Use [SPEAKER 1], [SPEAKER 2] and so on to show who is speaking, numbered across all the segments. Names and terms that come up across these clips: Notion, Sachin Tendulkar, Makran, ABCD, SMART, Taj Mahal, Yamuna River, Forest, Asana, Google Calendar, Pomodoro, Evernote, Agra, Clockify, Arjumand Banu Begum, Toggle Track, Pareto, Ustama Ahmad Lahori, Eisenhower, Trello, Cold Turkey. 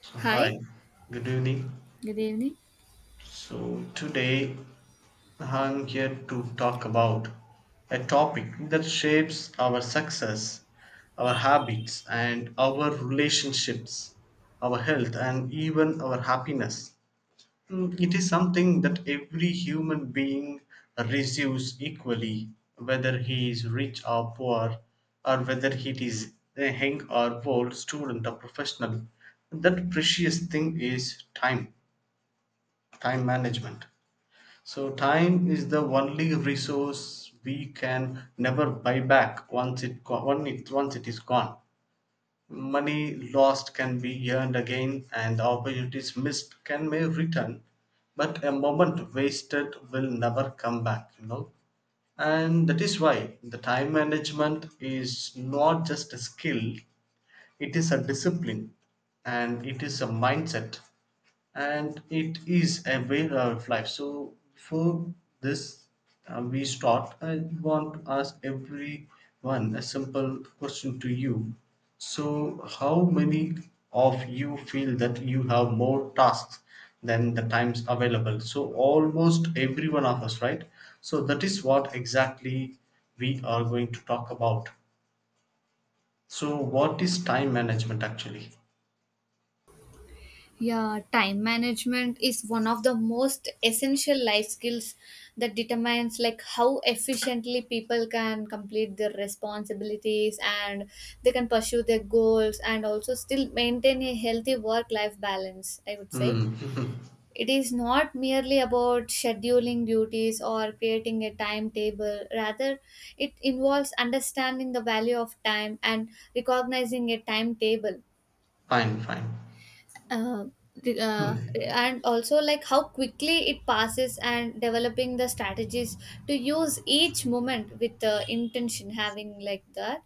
[SPEAKER 1] So,
[SPEAKER 2] Hi.
[SPEAKER 1] Hi, good evening.
[SPEAKER 2] Good evening.
[SPEAKER 1] So, today I'm here to talk about a topic that shapes our success, our habits, and our relationships, our health, and even our happiness. It is something that every human being receives equally, whether he is rich or poor, or whether he is a young or old student or professional. That precious thing is time management. So, time is the only resource we can never buy back once it go- once it is gone. Money lost can be earned again, and opportunities missed can may return, but a moment wasted will never come back. And that is why the time management is not just a skill, it is a discipline, and it is a mindset, and it is a way of life. So, for this, we start. I want to ask everyone a simple question to you. So, how many of you feel that you have more tasks than the times available? So, almost every one of us, right? So, that is what exactly we are going to talk about. So, what is time management actually?
[SPEAKER 2] Yeah, time management is one of the most essential life skills that determines like how efficiently people can complete their responsibilities and they can pursue their goals and also still maintain a healthy work life balance, I would say.
[SPEAKER 1] Hmm.
[SPEAKER 2] It is not merely about scheduling duties or creating a timetable. Rather, it involves understanding the value of time and recognizing a timetable
[SPEAKER 1] Fine, fine.
[SPEAKER 2] uh, the- uh,
[SPEAKER 1] Hmm.
[SPEAKER 2] and also like how quickly it passes and developing the strategies to use each moment with the intention having like that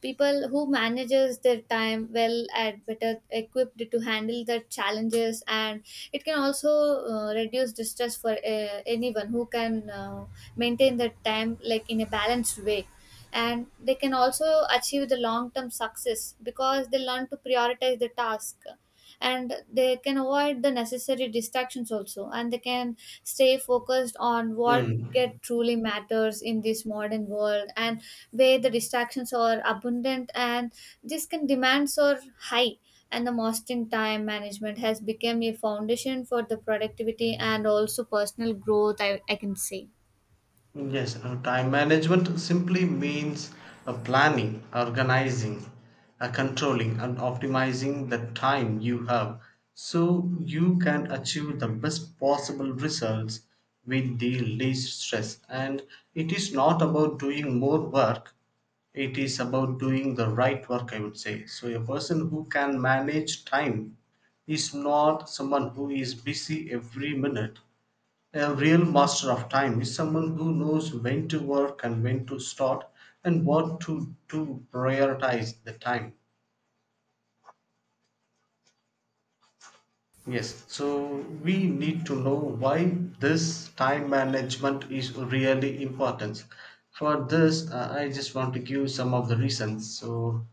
[SPEAKER 2] people who manages their time well are better equipped to handle the challenges, and it can also reduce the stress for anyone who can maintain their time like in a balanced way, and they can also achieve the long term success because they learn to prioritize the task and they can avoid the necessary distractions also, and they can stay focused on what it
[SPEAKER 1] Hmm.
[SPEAKER 2] truly matters in this modern world, and where the distractions are abundant and this can demands are high, and the mastering time management has become a foundation for the productivity and also personal growth, I can say.
[SPEAKER 1] Yes, time management simply means planning, organizing, controlling, and optimizing the time you have so you can achieve the best possible results with the least stress. And it is not about doing more work, it is about doing the right work, I would say. So, a person who can manage time is not someone who is busy every minute. A real master of time is someone who knows when to work and when to stop, and what to prioritize the time. Yes, so we need to know why this time management is really important. For this, I just want to give some of the reasons. So,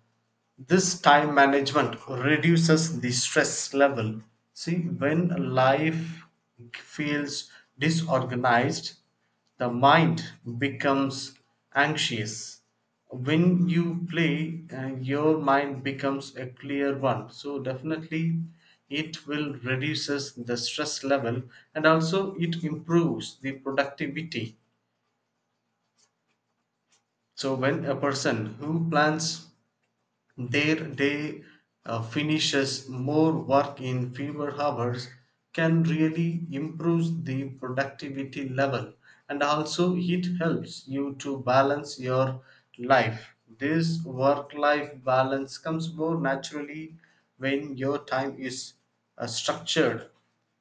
[SPEAKER 1] this time management reduces the stress level. See, when life feels disorganized, the mind becomes anxious. When you play, your mind becomes a clear one. So definitely, it will reduces the stress level, and also it improves the productivity. So when a person who plans their day finishes more work in fewer hours, can really improve the productivity level. And also it helps you to balance your life. This work life balance comes more naturally when your time is structured.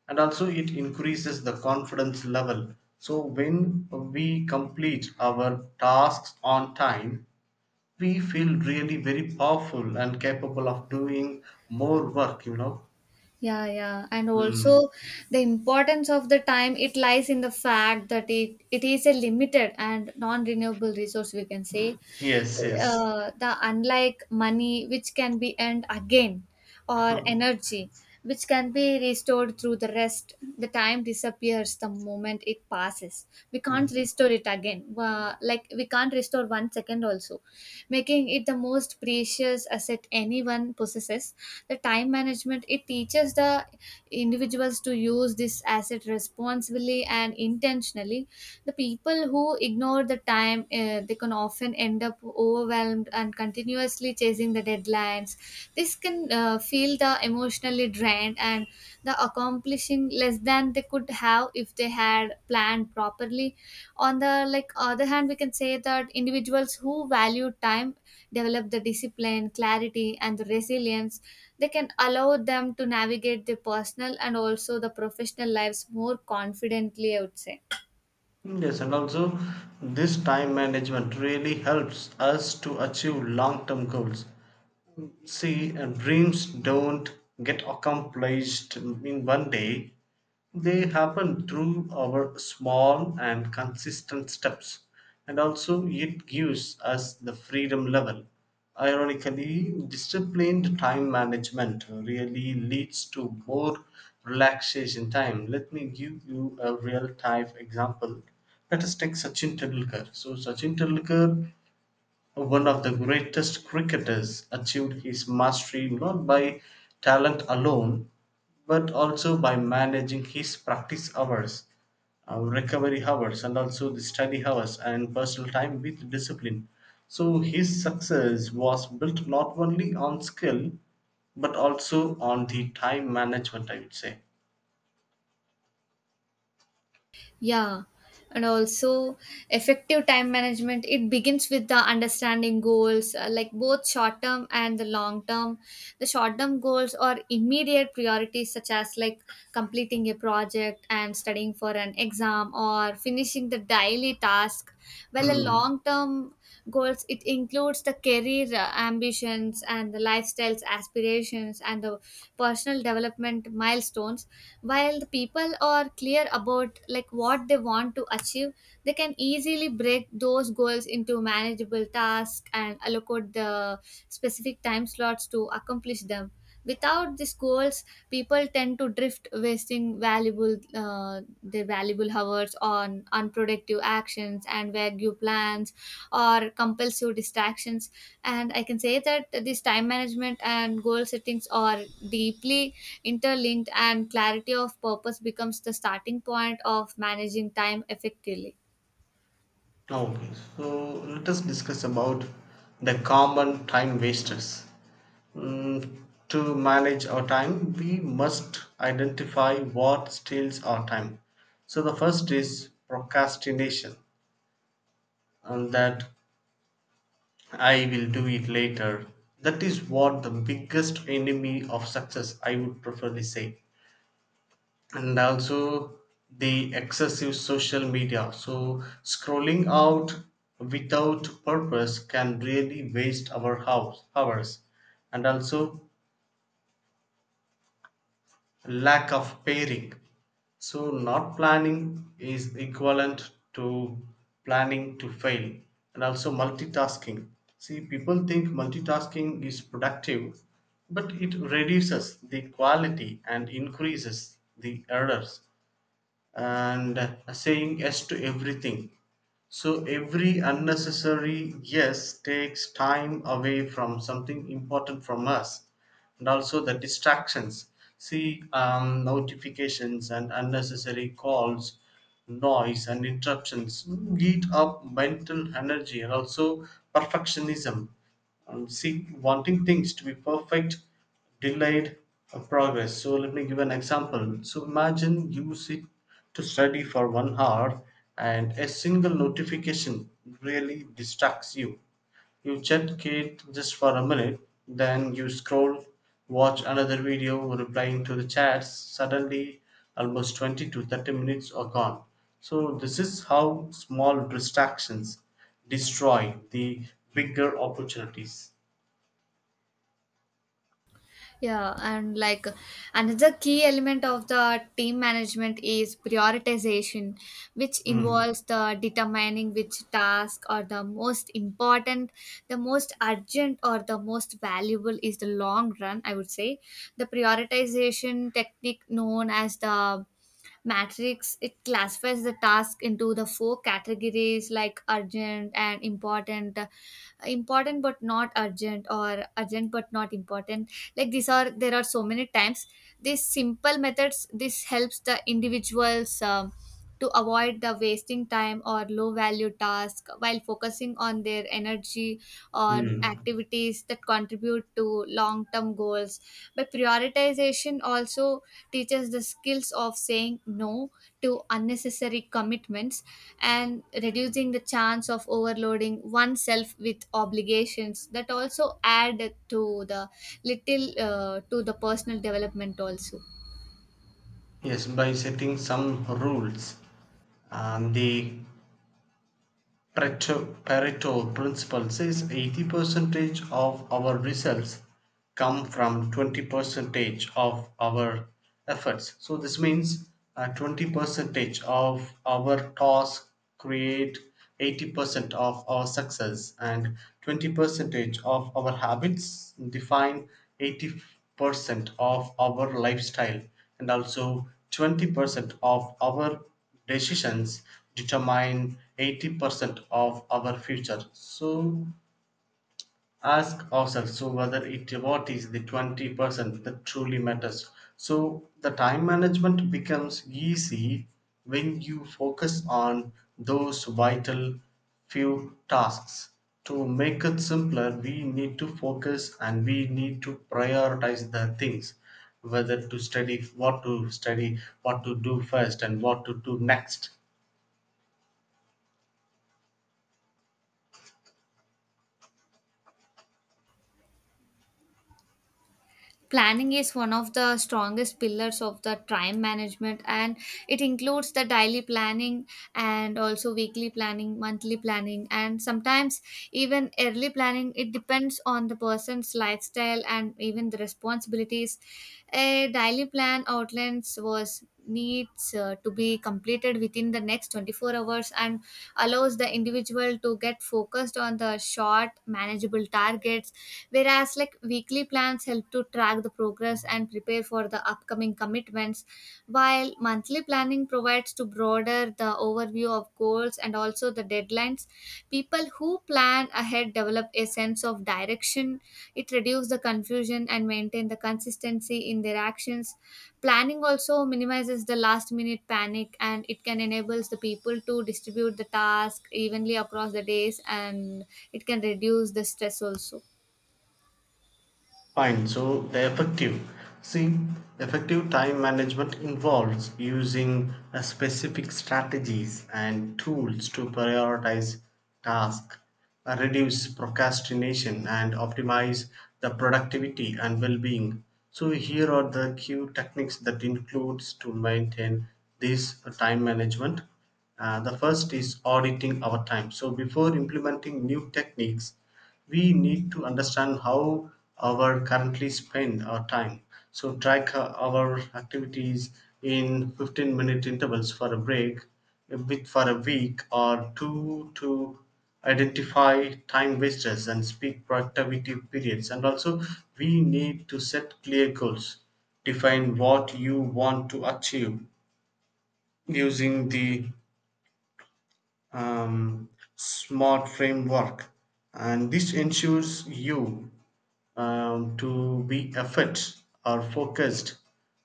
[SPEAKER 1] And also it increases the confidence level. So when we complete our tasks on time, we feel really very powerful and capable of doing more work.
[SPEAKER 2] Yeah, yeah. And
[SPEAKER 1] Mm.
[SPEAKER 2] also the importance of the time it lies in the fact that it is a limited and non-renewable resource, we can say.
[SPEAKER 1] Yes, yes,
[SPEAKER 2] The unlike money which can be earned again, or energy which can be restored through the rest, the time disappears the moment it passes. We can't restore it again. Like we can't restore 1 second also, making it the most precious asset anyone possesses. The time management it teaches the individuals to use this asset responsibly and intentionally. The people who ignore the time they can often end up overwhelmed and continuously chasing the deadlines. This can feel the emotionally drained and the accomplishing less than they could have if they had planned properly. On the like other hand, we can say that individuals who value time develop the discipline, clarity and the resilience. They can allow them to navigate their personal and also the professional lives more confidently, I would say.
[SPEAKER 1] yes, and also this time management really helps us to achieve long term goals. See, dreams don't get accomplished in one day. They happen through our small and consistent steps. And also it gives us the freedom level. Ironically, disciplined time management really leads to more relaxation time. Let me give you a real time example. Let us take Sachin Tendulkar. So, Sachin Tendulkar, one of the greatest cricketers, achieved his mastery not by talent alone, but also by managing his practice hours, recovery hours, and also the study hours and personal time with discipline. So his success was built not only on skill but also on the time management, I would say.
[SPEAKER 2] Yeah, and also effective time management. It begins with the understanding goals, like both short term and the long term. The short term goals are immediate priorities, such as like completing a project and studying for an exam or finishing the daily task. While a
[SPEAKER 1] Hmm.
[SPEAKER 2] long term goals, it includes the career ambitions and the lifestyles aspirations and the personal development milestones, while the people are clear about like what they want to achieve, they can easily break those goals into manageable tasks and allocate the specific time slots to accomplish them. Without these goals, people tend to drift, wasting valuable their valuable hours on unproductive actions and vague plans or compulsive distractions. And I can say that this time management and goal settings are deeply interlinked, and clarity of purpose becomes the starting point of managing time effectively.
[SPEAKER 1] Okay, so let us discuss about the common time wasters. Mm, to manage our time, we must identify what steals our time. So the first is procrastination, and that I will do it later. That is what the biggest enemy of success, I would preferably say. And also the excessive social media, so scrolling out without purpose can really waste our house hours. And also lack of pairing, so not planning is equivalent to planning to fail. And also multitasking, see people think multitasking is productive, but it reduces the quality and increases the errors. And saying yes to everything. So every unnecessary yes takes time away from something important from us. And also the distractions. See, notifications and unnecessary calls, noise and interruptions eat up mental energy. And also perfectionism, and see, wanting things to be perfect delayed progress. So let me give an example. So imagine you sit to study for one hour and a single notification really distracts you check it just for a minute, then you scroll, watch another video, replying to the chats. Suddenly, almost 20 to 30 minutes are gone. So, this is how small distractions destroy the bigger opportunities.
[SPEAKER 2] Yeah, and like another key element of the team management is prioritization, which
[SPEAKER 1] Hmm.
[SPEAKER 2] involves the determining which tasks are the most important, the most urgent, or the most valuable is the long run, I would say. The prioritization technique known as the matrix it classifies the task into the four categories like urgent and important, important but not urgent, or urgent but not important. Like these are there are so many times these simple methods this helps the individuals to avoid the wasting time or low value task while focusing on their energy on
[SPEAKER 1] Hmm.
[SPEAKER 2] activities that contribute to long term goals. But prioritization also teaches the skills of saying no to unnecessary commitments and reducing the chance of overloading oneself with obligations that also add to the little to the personal development also.
[SPEAKER 1] Yes, by setting some rules. And the Pareto principle says 80 percentage of our results come from 20 percentage of our efforts. So this means 20 percentage of our task create 80% of our success, and 20 percentage of our habits define 80% of our lifestyle, and also 20% of our decisions determine 80% of our future. So ask ourselves, so whether it what is the 20% that truly matters. So the time management becomes easy when you focus on those vital few tasks. To make it simpler, we need to focus and we need to prioritize the things, whether to study, what to study, what to do first, and what to do next.
[SPEAKER 2] Planning is one of the strongest pillars of the time management, and it includes the daily planning and also weekly planning, monthly planning, and sometimes even early planning. It depends on the person's lifestyle and even the responsibilities. A daily plan outlines was needs to be completed within the next 24 hours and allows the individual to get focused on the short manageable targets. Whereas, like weekly plans help to track the progress and prepare for the upcoming commitments, while monthly planning provides to broader the overview of goals and also the deadlines. People who plan ahead develop a sense of direction. It reduces the confusion and maintain the consistency in their actions. Planning also minimizes the last minute panic, and it can enables the people to distribute the task evenly across the days, and it can reduce the stress also.
[SPEAKER 1] Fine, so the effective. See, effective time management involves using a specific strategies and tools to prioritize tasks, reduce procrastination, and optimize the productivity and well-being. So here are the key techniques that includes to maintain this time management. The first is auditing our time. So before implementing new techniques, we need to understand how our currently spend our time, so track our activities in 15-minute intervals for a break a bit for a week or two to identify time wasters and speak productivity periods. And also we need to set clear goals, define what you want to achieve using the um, smart framework, and this ensures you to be effort or focused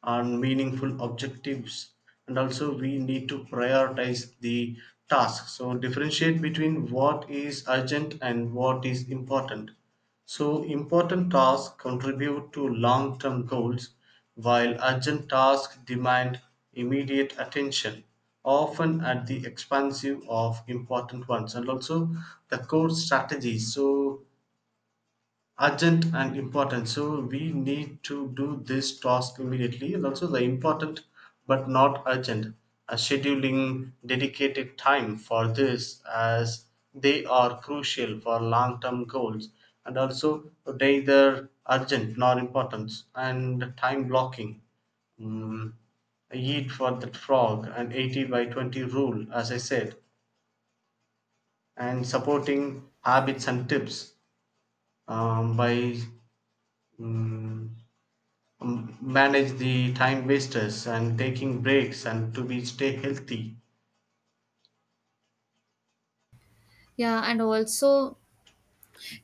[SPEAKER 1] on meaningful objectives. And also we need to prioritize the task, so differentiate between what is urgent and what is important. So important tasks contribute to long term goals, while urgent tasks demand immediate attention, often at the expense of important ones. And also the core strategy. So urgent and important, so we need to do this task immediately. And also the important but not urgent, scheduling dedicated time for this as they are crucial for long-term goals. And also neither urgent nor important, and time blocking, mm, eat for that frog and 80 by 20 rule, as I said. And supporting habits and tips, by mm, manage the time wasters and taking breaks and to be stay healthy.
[SPEAKER 2] Yeah, and also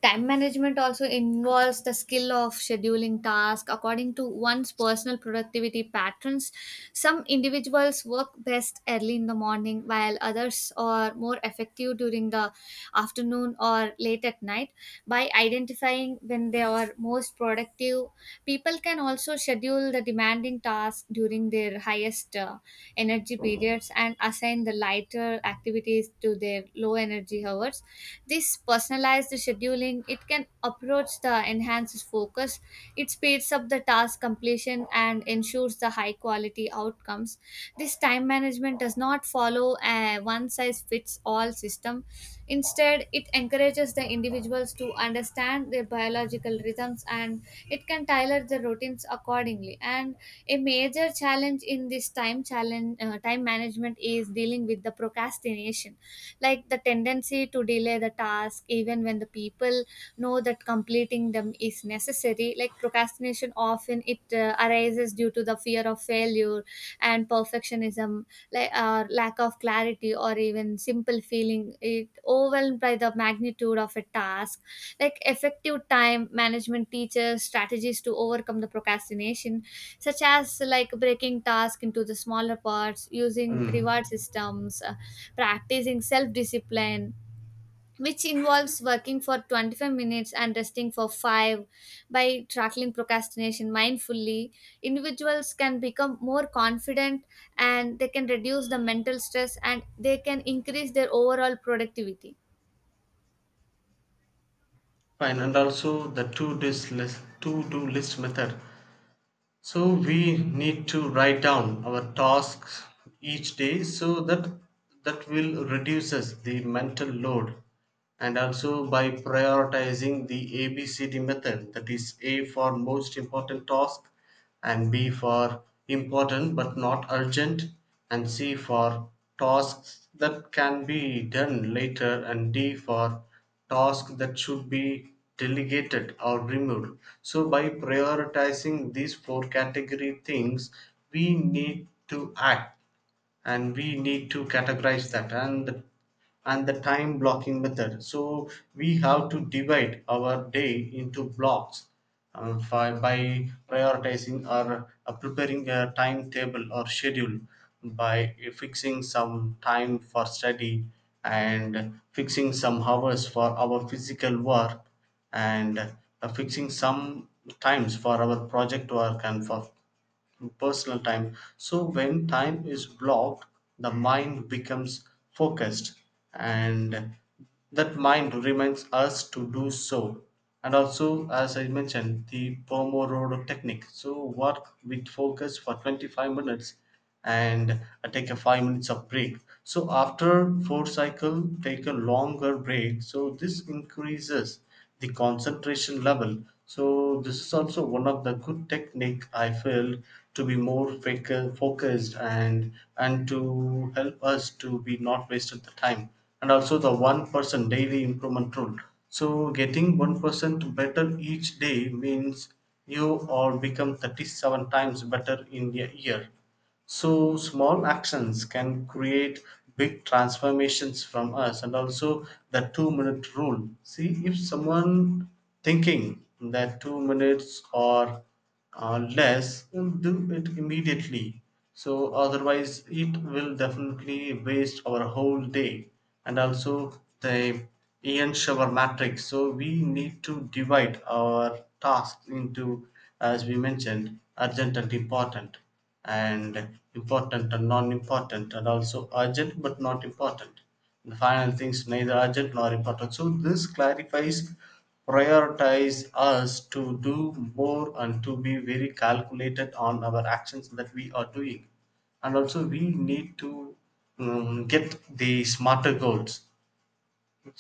[SPEAKER 2] time management also involves the skill of scheduling tasks according to one's personal productivity patterns. Some individuals work best early in the morning while others are more effective during the afternoon or late at night. By identifying when they are most productive, people can also schedule the demanding tasks during their highest energy periods and assign the lighter activities to their low energy hours. This personalized scheduling, it can approach the enhanced focus. It speeds up the task completion and ensures the high quality outcomes. This time management does not follow a one size fits all system. Instead, it encourages the individuals to understand their biological rhythms, and it can tailor the routines accordingly. And a major challenge in this time management is dealing with the procrastination, like the tendency to delay the task even when the people know that completing them is necessary. Like procrastination often it arises due to the fear of failure and perfectionism, like lack of clarity or even simple feeling it overwhelmed by the magnitude of a task. Like effective time management teaches strategies to overcome the procrastination, such as like breaking tasks into the smaller parts, using reward
[SPEAKER 1] Mm.
[SPEAKER 2] systems, practicing self discipline, which involves working for 25 minutes and resting for 5. By tackling procrastination mindfully, individuals can become more confident, and they can reduce the mental stress and they can increase their overall productivity.
[SPEAKER 1] Fine, and also the to do list method. So we need to write down our tasks each day so that that will reduces the mental load. And also by prioritizing the ABCD method, that is A for most important task, and B for important but not urgent, and C for tasks that can be done later, and D for tasks that should be delegated or removed. So, by prioritizing these four category things, we need to act and we need to categorize that, and the time blocking method. So we have to divide our day into blocks, by prioritizing or preparing a timetable or schedule by fixing some time for study and fixing some hours for our physical work, and fixing some times for our project work and for personal time. So when time is blocked, the mind becomes focused, and that mind reminds us to do so. And also, as I mentioned, the Pomodoro technique. So work with focus for 25 minutes and take a 5 minutes of break. So after four cycle, take a longer break. So this increases the concentration level. So this is also one of the good technique I feel, to be more focused and to help us to be not wasted the time. And also the one person daily improvement rule, so getting 1% better each day means you are become 37 times better in a year. So small actions can create big transformations from us. And also the 2 minute rule. See if someone thinking that 2 minutes or less, then do it immediately. So otherwise it will definitely waste our whole day. And also the Ian shower matrix. So we need to divide our tasks into, as we mentioned, urgent and important, and important and non-important, and also urgent but not important. The final things, neither urgent nor important. So this clarifies, prioritize us to do more and to be very calculated on our actions that we are doing. And also we need to get the smarter goals.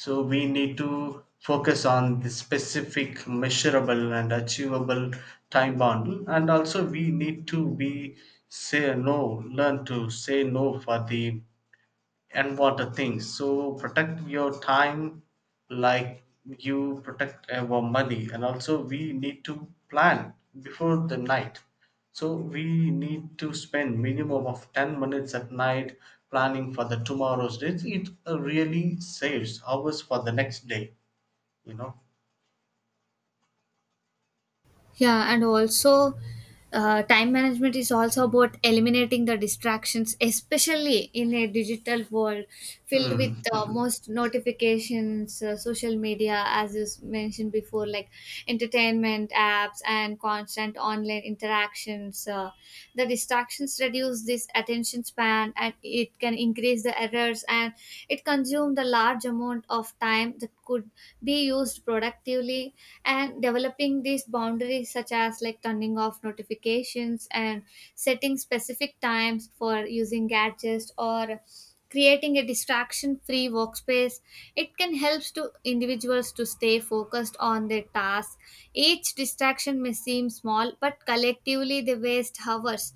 [SPEAKER 1] So we need to focus on the specific, measurable, and achievable time bound. And also, we need to be say no, learn to say no for the and water things. So protect your time like you protect our money. And also we need to plan before the night. So we need to spend minimum of 10 minutes at night planning for the tomorrow's dates. It really saves hours for the next day, you know.
[SPEAKER 2] Yeah, and also time management is also about eliminating the distractions, especially in a digital world filled with
[SPEAKER 1] Mm.
[SPEAKER 2] most notifications, social media, as you mentioned before, like entertainment apps and constant online interactions. The distractions reduce this attention span, and it can increase the errors, and it consumes the large amount of time that could be used productively. And developing these boundaries such as like turning off notifications and setting specific times for using gadgets or creating a distraction free workspace, it can help to individuals to stay focused on their task. Each distraction may seem small but collectively they waste hours,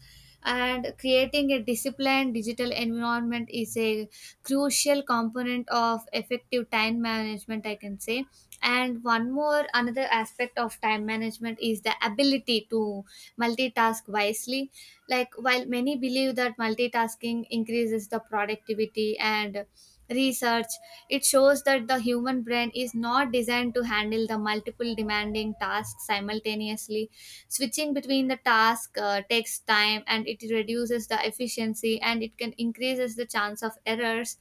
[SPEAKER 2] and creating a disciplined digital environment is a crucial component of effective time management, I can say. And one more another aspect of time management is the ability to multitask wisely. Like while many believe that multitasking increases the productivity, and research it shows that the human brain is not designed to handle the multiple demanding tasks simultaneously. Switching between the task takes time and it reduces the efficiency and it can increases the chance of errors.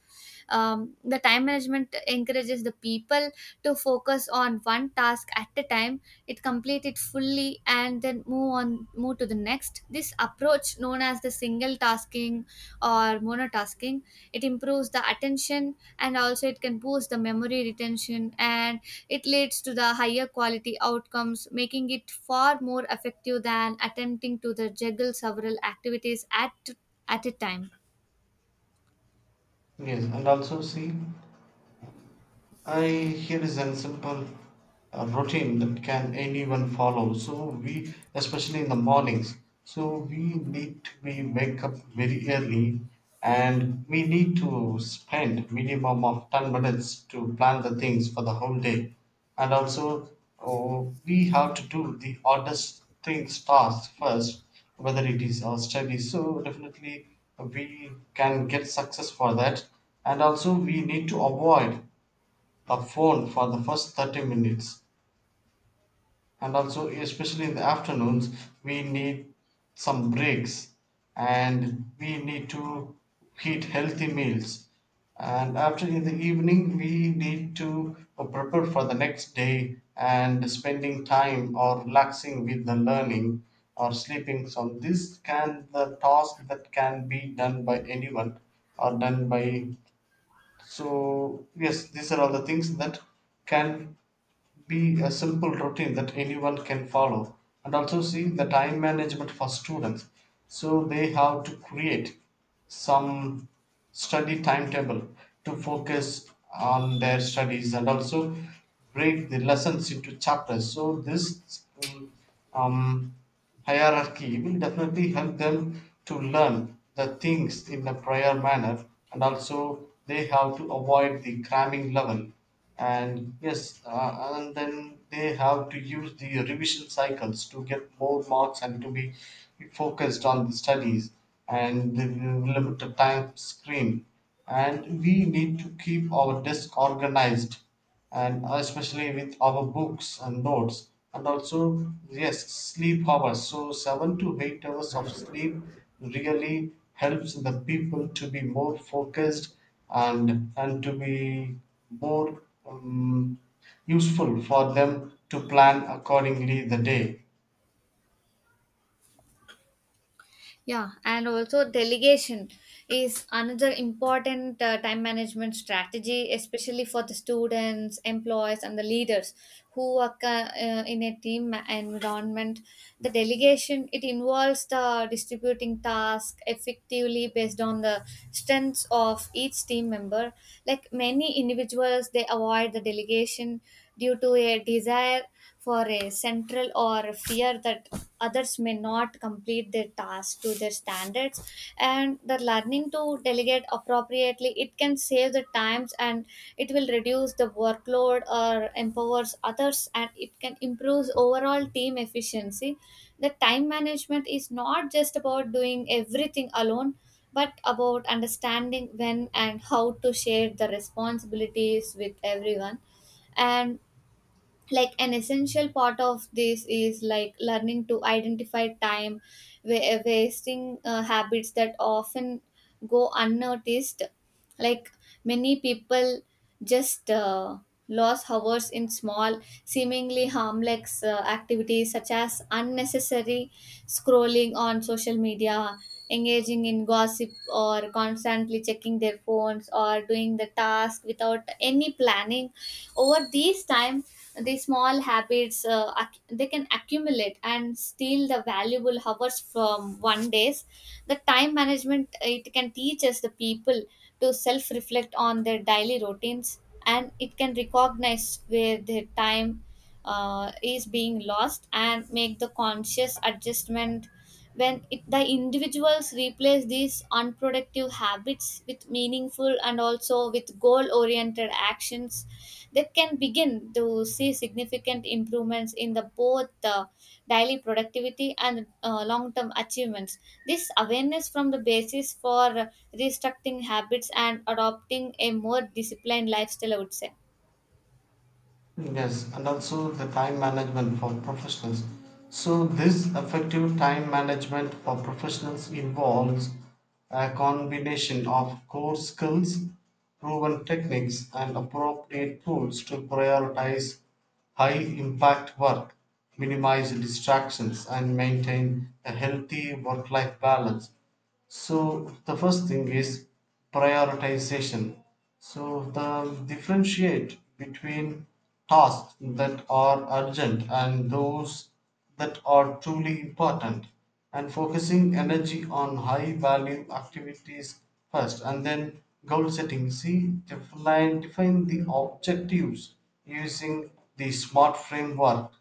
[SPEAKER 2] The time management encourages the people to focus on one task at a time, it complete it fully and then move to the next. This approach known as the single tasking or monotasking, it improves the attention and also it can boost the memory retention, and it leads to the higher quality outcomes, making it far more effective than attempting to the juggle several activities at a time.
[SPEAKER 1] Yes, and also see I here is a simple routine that can anyone follow. So we, especially in the mornings, so we need to be wake up very early, and we need to spend minimum of 10 minutes to plan the things for the whole day, and also we have to do the oddest things tasks first, whether it is our study. So definitely we can get success for that, and also we need to avoid a phone for the first 30 minutes, and also especially in the afternoons we need some breaks, and we need to eat healthy meals. And after in the evening we need to prepare for the next day and spending time or relaxing with the learning or sleeping. So this can the task that can be done by anyone or done by. So yes, these are all the things that can be a simple routine that anyone can follow. And also see the time management for students. So they have to create some study timetable to focus on their studies, and also break the lessons into chapters. So this um, hierarchy will definitely help them to learn the things in a prior manner. And also they have to avoid the cramming level. And yes, and then they have to use the revision cycles to get more marks and to be focused on the studies, and the limited time screen. And we need to keep our desk organized, and especially with our books and notes. And also, yes, sleep hours. So 7 to 8 hours of sleep really helps the people to be more focused and and to be more um, useful for them to plan accordingly the day.
[SPEAKER 2] Yeah, and also delegation is another important time management strategy, especially for the students, employees, and the leaders who work in a team environment. The delegation it involves the distributing tasks effectively based on the strengths of each team member. Like many individuals, they avoid the delegation due to a desire for a central or fear that others may not complete their tasks to their standards, and the learning to delegate appropriately it can save the times and it will reduce the workload or empowers others, and it can improve overall team efficiency. The time management is not just about doing everything alone, but about understanding when and how to share the responsibilities with everyone. And like an essential part of this is like learning to identify time wasting habits that often go unnoticed. Like many people just lose hours in small, seemingly harmless activities such as unnecessary scrolling on social media, engaging in gossip, or constantly checking their phones, or doing the task without any planning. Over these time, the small habits they can accumulate and steal the valuable hours from one days. The time management it can teach us the people to self reflect on their daily routines, and it can recognize where their time is being lost and make the conscious adjustment. When it, the individuals replace these unproductive habits with meaningful and also with goal oriented actions, that can begin to see significant improvements in the both daily productivity and long-term achievements. This awareness from the basis for restructuring habits and adopting a more disciplined lifestyle, I would say.
[SPEAKER 1] Yes, and also the time management for professionals. So this effective time management for professionals involves a combination of core skills, proven techniques, and appropriate tools to prioritize high impact work, minimize distractions, and maintain a healthy work life balance. So the first thing is prioritization. So the differentiate between tasks that are urgent and those that are truly important, and focusing energy on high value activities first. And then goal setting, see define the objectives using the smart framework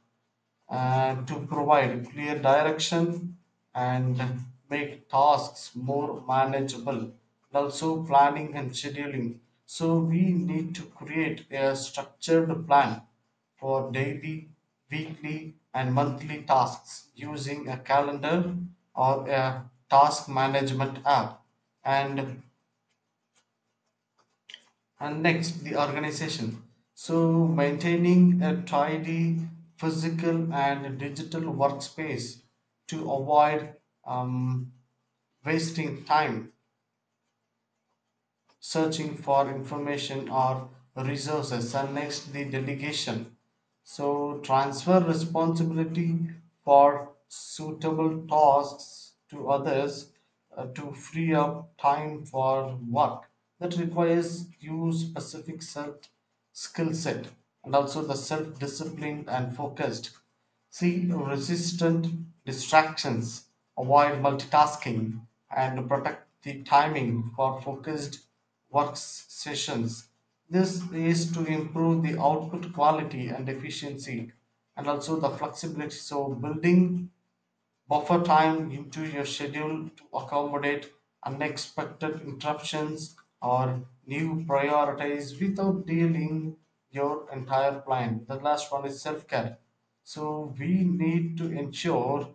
[SPEAKER 1] to provide clear direction and make tasks more manageable. And also, planning and scheduling. So, we need to create a structured plan for daily, weekly, and monthly tasks using a calendar or a task management app. And and next, the organization. So, maintaining a tidy physical and digital workspace to avoid um, wasting time searching for information or resources. And next, the delegation. So transfer responsibility for suitable tasks to others to free up time for work that requires you specific self skill set. And also the self disciplined and focused. See resistant distractions, avoid multitasking, and protect the timing for focused work sessions. This is to improve the output quality and efficiency. And also the flexibility. So, building Buffer time into your schedule to accommodate unexpected interruptions or new priorities without derailing your entire plan. The last one is self care. So we need to ensure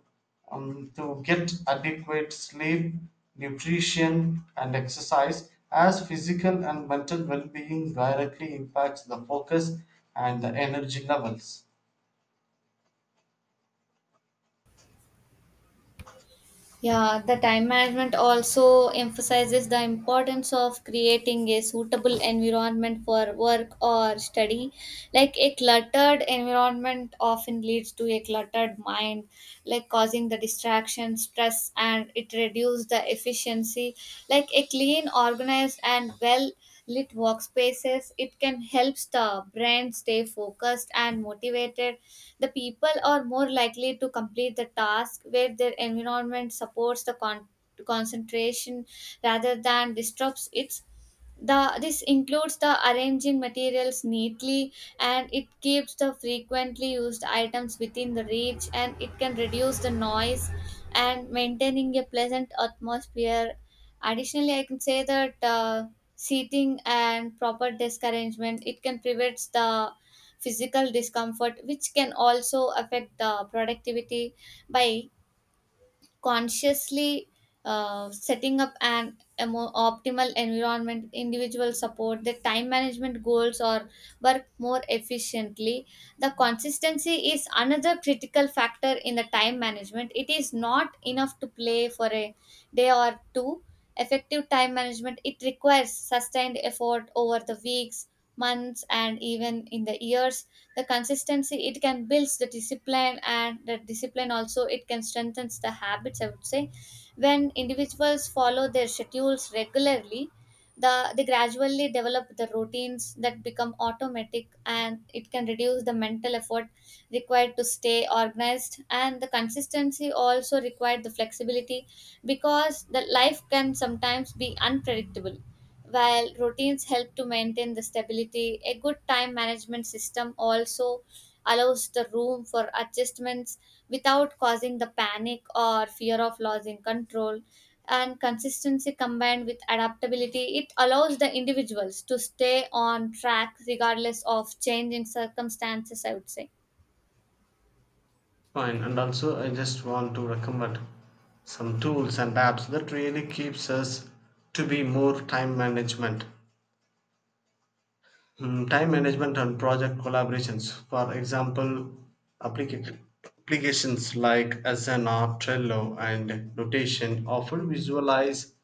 [SPEAKER 1] to get adequate sleep, nutrition, and exercise as physical and mental well being directly impacts the focus and the energy levels.
[SPEAKER 2] Yeah, the time management also emphasizes the importance of creating a suitable environment for work or study. Like a cluttered environment often leads to a cluttered mind, like causing the distraction, stress, and it reduces the efficiency. Like a clean, organized, and well lit workspaces. It can help the brand stay focused and motivated. The people are more likely to complete the task where their environment supports the concentration rather than disrupts it. The, this includes the arranging materials neatly, and it keeps the frequently used items within the reach, and it can reduce the noise and maintaining a pleasant atmosphere. Additionally, I can say that seating and proper desk arrangement it can prevent the physical discomfort, which can also affect the productivity by consciously setting up an a more optimal environment individual support the time management goals or work more efficiently. The consistency is another critical factor in the time management. It is not enough to play for a day or two. Effective time management it requires sustained effort over the weeks, months, and even in the years. The consistency it can builds the discipline, and the discipline also it can strengthens the habits, I would say. When individuals follow their schedules regularly, they gradually develop the routines that become automatic, and it can reduce the mental effort required to stay organized. And the consistency also required the flexibility, because the life can sometimes be unpredictable. While routines help to maintain the stability, a good time management system also allows the room for adjustments without causing the panic or fear of losing control. And consistency combined with adaptability, it allows the individuals to stay on track regardless of changing circumstances, I would say.
[SPEAKER 1] Fine, and also I just want to recommend some tools and apps that really keeps us to be more time management. Time management and project collaborations. For example, applica- applications like Asana, Trello, and Notation often visualize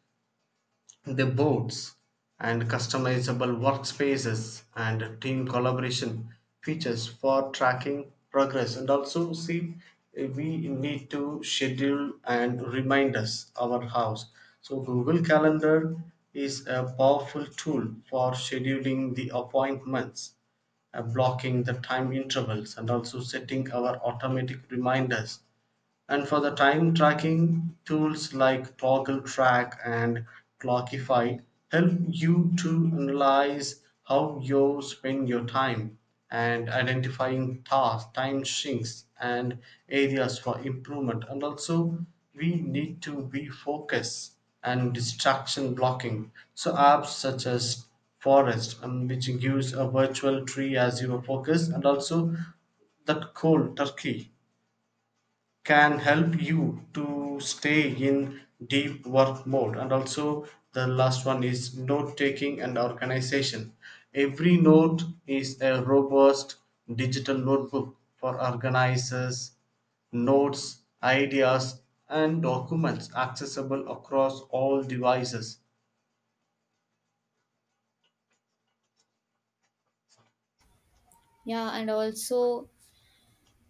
[SPEAKER 1] the boards and customizable workspaces and team collaboration features for tracking progress. And also see, eh, we need to schedule and remind us our house. So Google Calendar is a powerful tool for scheduling the appointments, blocking the time intervals and also setting our automatic reminders. And for the time tracking, tools like Toggle Track and Clockify help you to analyze how you spend your time and identifying tasks, time sinks, and areas for improvement. And also, we need to be focused and distraction blocking. So, apps such as Forest, which gives a virtual tree as your focus, and also that cold turkey can help you to stay in deep work mode. And also the last one is note taking and organization. Every note is a robust digital notebook for organizers, notes, ideas, and documents accessible across all devices.
[SPEAKER 2] Yeah, and also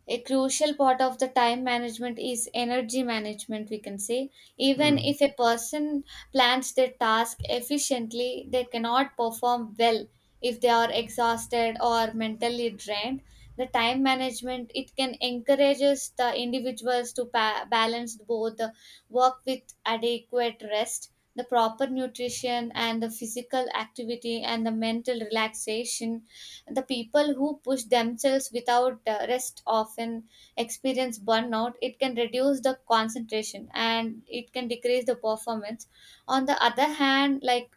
[SPEAKER 2] a crucial part of the time management is energy management, we can say. Even
[SPEAKER 1] Hmm.
[SPEAKER 2] if a person plans their task efficiently, they cannot perform well if they are exhausted or mentally drained. The time management it can encourages the individuals to balance both the work with adequate rest, the proper nutrition and the physical activity and the mental relaxation. The people who push themselves without rest often experience burnout. It can reduce the concentration and it can decrease the performance. On the other hand, like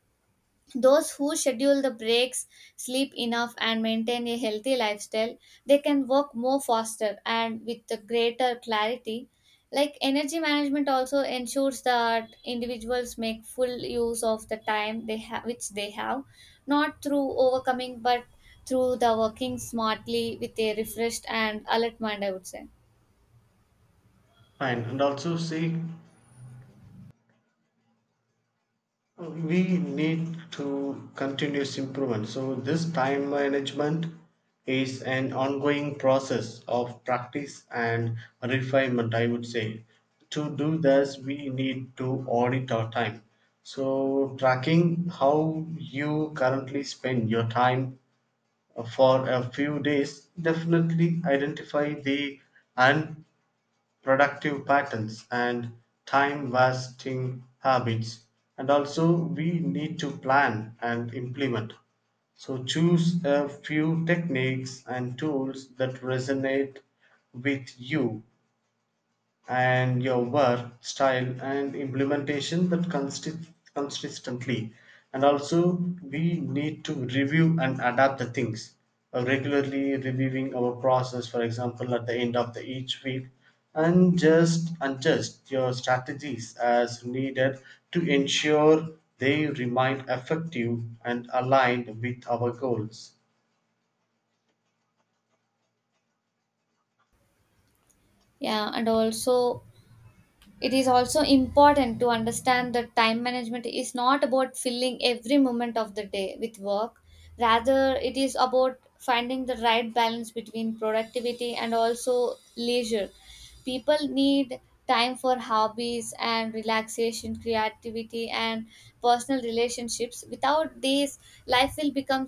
[SPEAKER 2] those who schedule the breaks, sleep enough, and maintain a healthy lifestyle, they can work more faster and with the greater clarity. Like energy management also ensures that individuals make full use of the time they have, which they have, not through overcoming, but through the working smartly with a refreshed and alert mind, I would say.
[SPEAKER 1] Fine, and also see, we need to continuous improvement. So this time management is an ongoing process of practice and refinement, I would say. To do this we need to audit our time. So tracking how you currently spend your time for a few days definitely identify the productive patterns and time wasting habits. And also we need to plan and implement. So choose a few techniques and tools that resonate with you and your work style and implementation that consistently. And also we need to review and adapt the things. Regularly reviewing our process, for example at the end of the each week, and just adjust your strategies as needed to ensure they remain effective and aligned with our goals.
[SPEAKER 2] Yeah, and also, it is also important to understand that time management is not about filling every moment of the day with work. Rather, it is about finding the right balance between productivity and also leisure. People need time for hobbies and relaxation, creativity, and personal relationships. Without these, life will become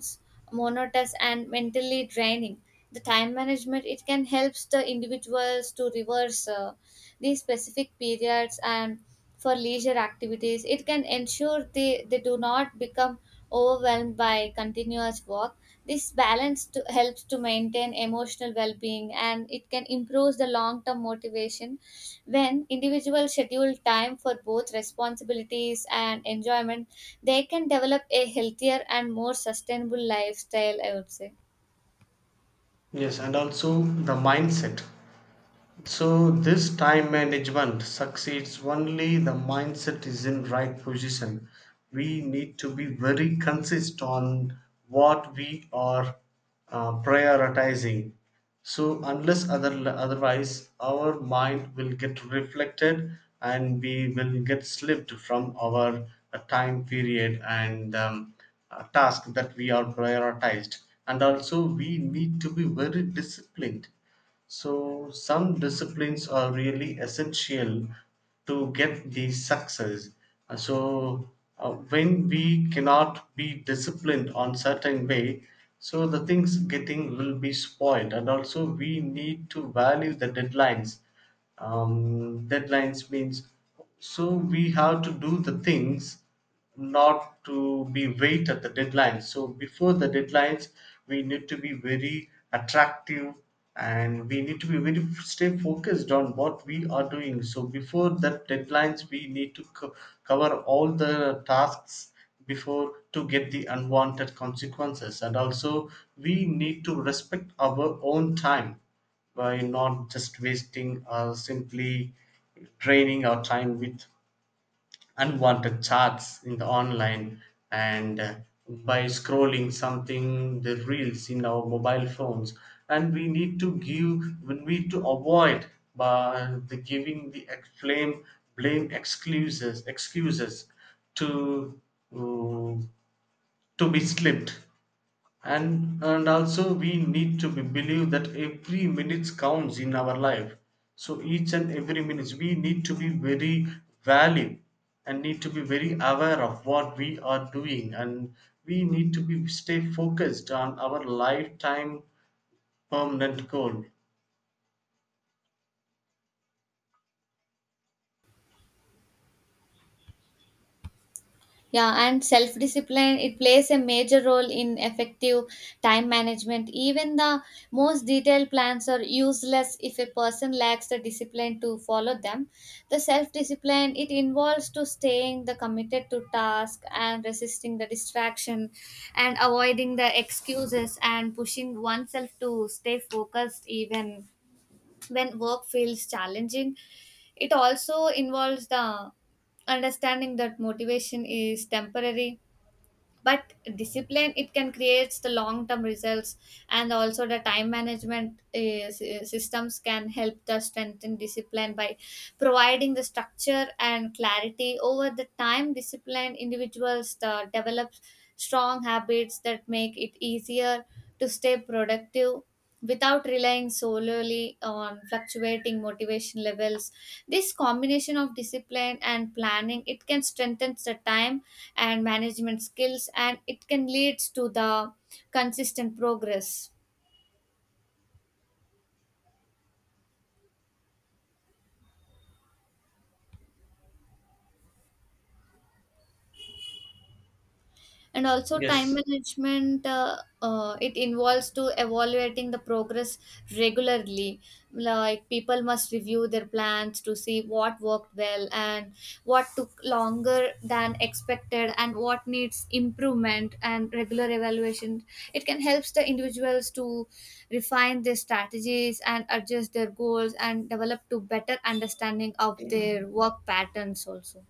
[SPEAKER 2] monotonous and mentally draining. The time management it can helps the individuals to reverse. These specific periods and for leisure activities. It can ensure they do not become overwhelmed by continuous work. This balance to, helps to maintain emotional well being, and it can improve the long term motivation. When individuals schedule time for both responsibilities and enjoyment, they can develop a healthier and more sustainable lifestyle, I would say.
[SPEAKER 1] Yes, and also the mindset. So this time management succeeds only the mindset is in right position. We need to be very consist on what we are prioritizing. So unless other otherwise, our mind will get reflected and we will get slipped from our time period and task that we are prioritized. And also, we need to be very disciplined. So, some disciplines are really essential to get the success. So, when we cannot be disciplined on certain way, so the things getting will be spoiled. And also we need to value the deadlines. Deadlines means, so we have to do the things not to be wait at the deadlines. So before the deadlines we need to be very attractive, and we need to be very stay focused on what we are doing. So before the deadlines we need to cover all the tasks before to get the unwanted consequences. And also we need to respect our own time by not just wasting or simply draining our time with unwanted chats in the online, and by scrolling something the reels in our mobile phones. And we need to give, we need to avoid by the giving the blame, excuses, to, uh, to be slipped. And also we need to be believe that every minute counts in our life. So each and every minute we need to be very value, and need to be very aware of what we are doing. And we need to be stay focused on our lifetime permanent goal.
[SPEAKER 2] Yeah, and self discipline, it plays a major role in effective time management. Even the most detailed plans are useless if a person lacks the discipline to follow them. The self discipline, it involves to staying the committed to task and resisting the distraction and avoiding the excuses and pushing oneself to stay focused even when work feels challenging. It also involves the understanding that motivation is temporary, but discipline it can create the long term results. And also the time management systems can help the strengthen discipline by providing the structure and clarity over the time. Disciplined individuals the develop strong habits that make it easier to stay productive without relying solely on fluctuating motivation levels. This combination of discipline and planning it can strengthen the time and management skills, and it can lead to the consistent progress. And also time
[SPEAKER 1] Yes,
[SPEAKER 2] management it involves to evaluating the progress regularly. Like people must review their plans to see what worked well and what took longer than expected and what needs improvement. And regular evaluation it can help the individuals to refine their strategies and adjust their goals and develop to better understanding of their work patterns also.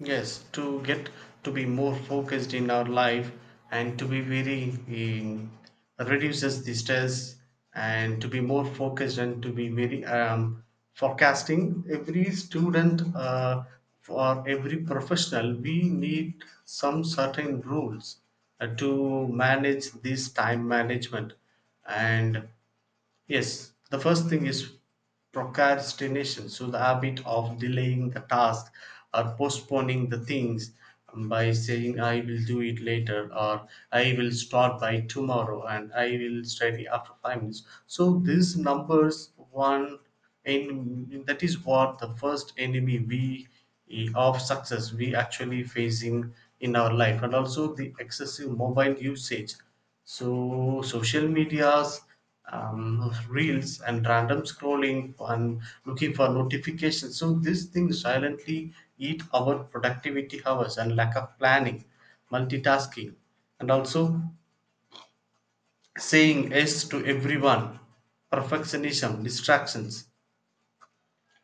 [SPEAKER 1] Yes, to get to be more focused in our life, and to be very um, reduces the stress, and to be more focused, and to be very forecasting. Every student or every professional, we need some certain rules to manage this time management. And yes, the first thing is procrastination. So, the habit of delaying the task or postponing the things by saying, I will do it later, or I will start by tomorrow, and I will study after 5 minutes. So, these numbers, one, and that is what the first enemy we of success we actually facing in our life. And also the excessive mobile usage. So, social medias, reels and random scrolling and looking for notifications. So these things silently eat our productivity hours, and lack of planning, multitasking, and also saying yes to everyone, perfectionism, distractions.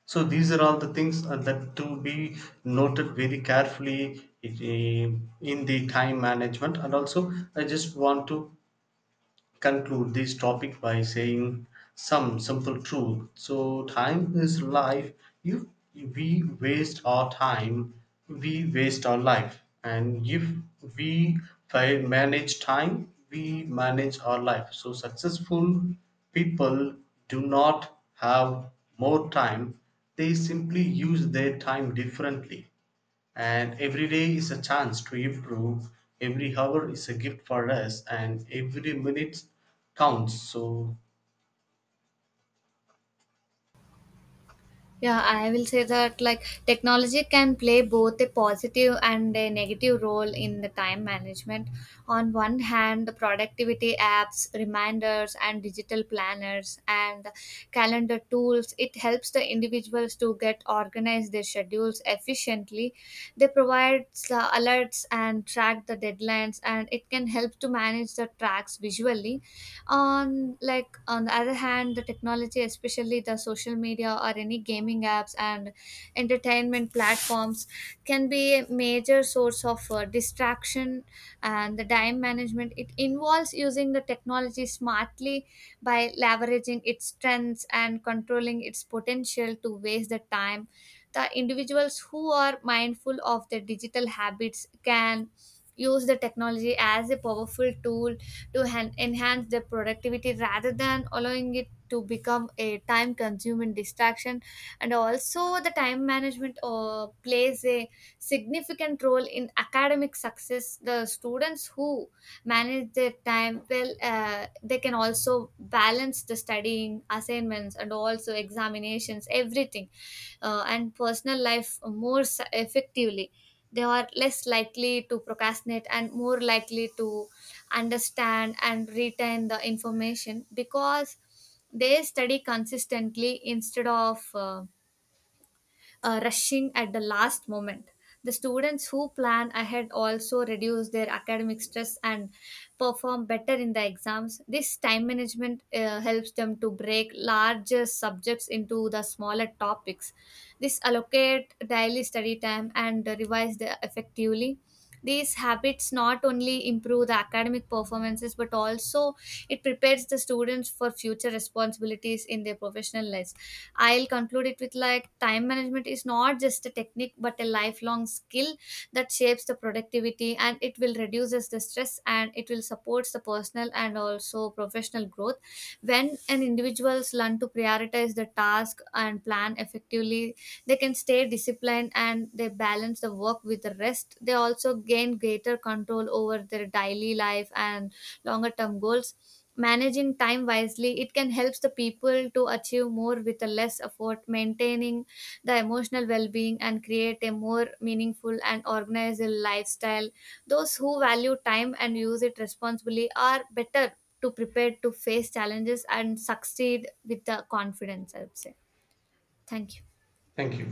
[SPEAKER 1] So these are all the things that to be noted very carefully, in the time management. And also, I just want to conclude this topic by saying some simple truth. So, time is life. If we waste our time, we waste our life. And if we manage time, we manage our life. So, successful people do not have more time, they simply use their time differently. And every day is a chance to improve. Every hour is a gift for us, and every minute counts. So,
[SPEAKER 2] Yeah, I will say that like technology can play both a positive and a negative role in the time management. On one hand, the productivity apps, reminders, and digital planners and calendar tools, it helps the individuals to get organized their schedules efficiently. They provide alerts and track the deadlines, and it can help to manage the tracks visually on. Like on the other hand, the technology, especially the social media or any gaming apps and entertainment platforms, can be a major source of distraction. And the time management it involves using the technology smartly by leveraging its strengths and controlling its potential to waste the time. The individuals who are mindful of their digital habits can use the technology as a powerful tool to enhance their productivity rather than allowing it to become a time consuming distraction. And also the time management plays a significant role in academic success. The students who manage their time well they can also balance the studying, assignments, and also examinations, everything and personal life more effectively. They are less likely to procrastinate and more likely to understand and retain the information because they study consistently instead of rushing at the last moment. The students who plan ahead also reduce their academic stress and perform better in the exams. This time management helps them to break larger subjects into the smaller topics. This allocate daily study time and revise the effectively. These habits not only improve the academic performances, but also it prepares the students for future responsibilities in their professional lives. I'll conclude it with like time management is not just a technique, but a lifelong skill that shapes the productivity, and it will reduces the stress, and it will supports the personal and also professional growth. When an individuals learn to prioritize the task and plan effectively, they can stay disciplined and they balance the work with the rest. They also gain greater control over their daily life and longer term goals. Managing time wisely, it can help the people to achieve more with a less effort, maintaining the emotional well-being and create a more meaningful and organized lifestyle. Those who value time and use it responsibly are better to prepare to face challenges and succeed with the confidence, I would say. Thank you.
[SPEAKER 1] thank you.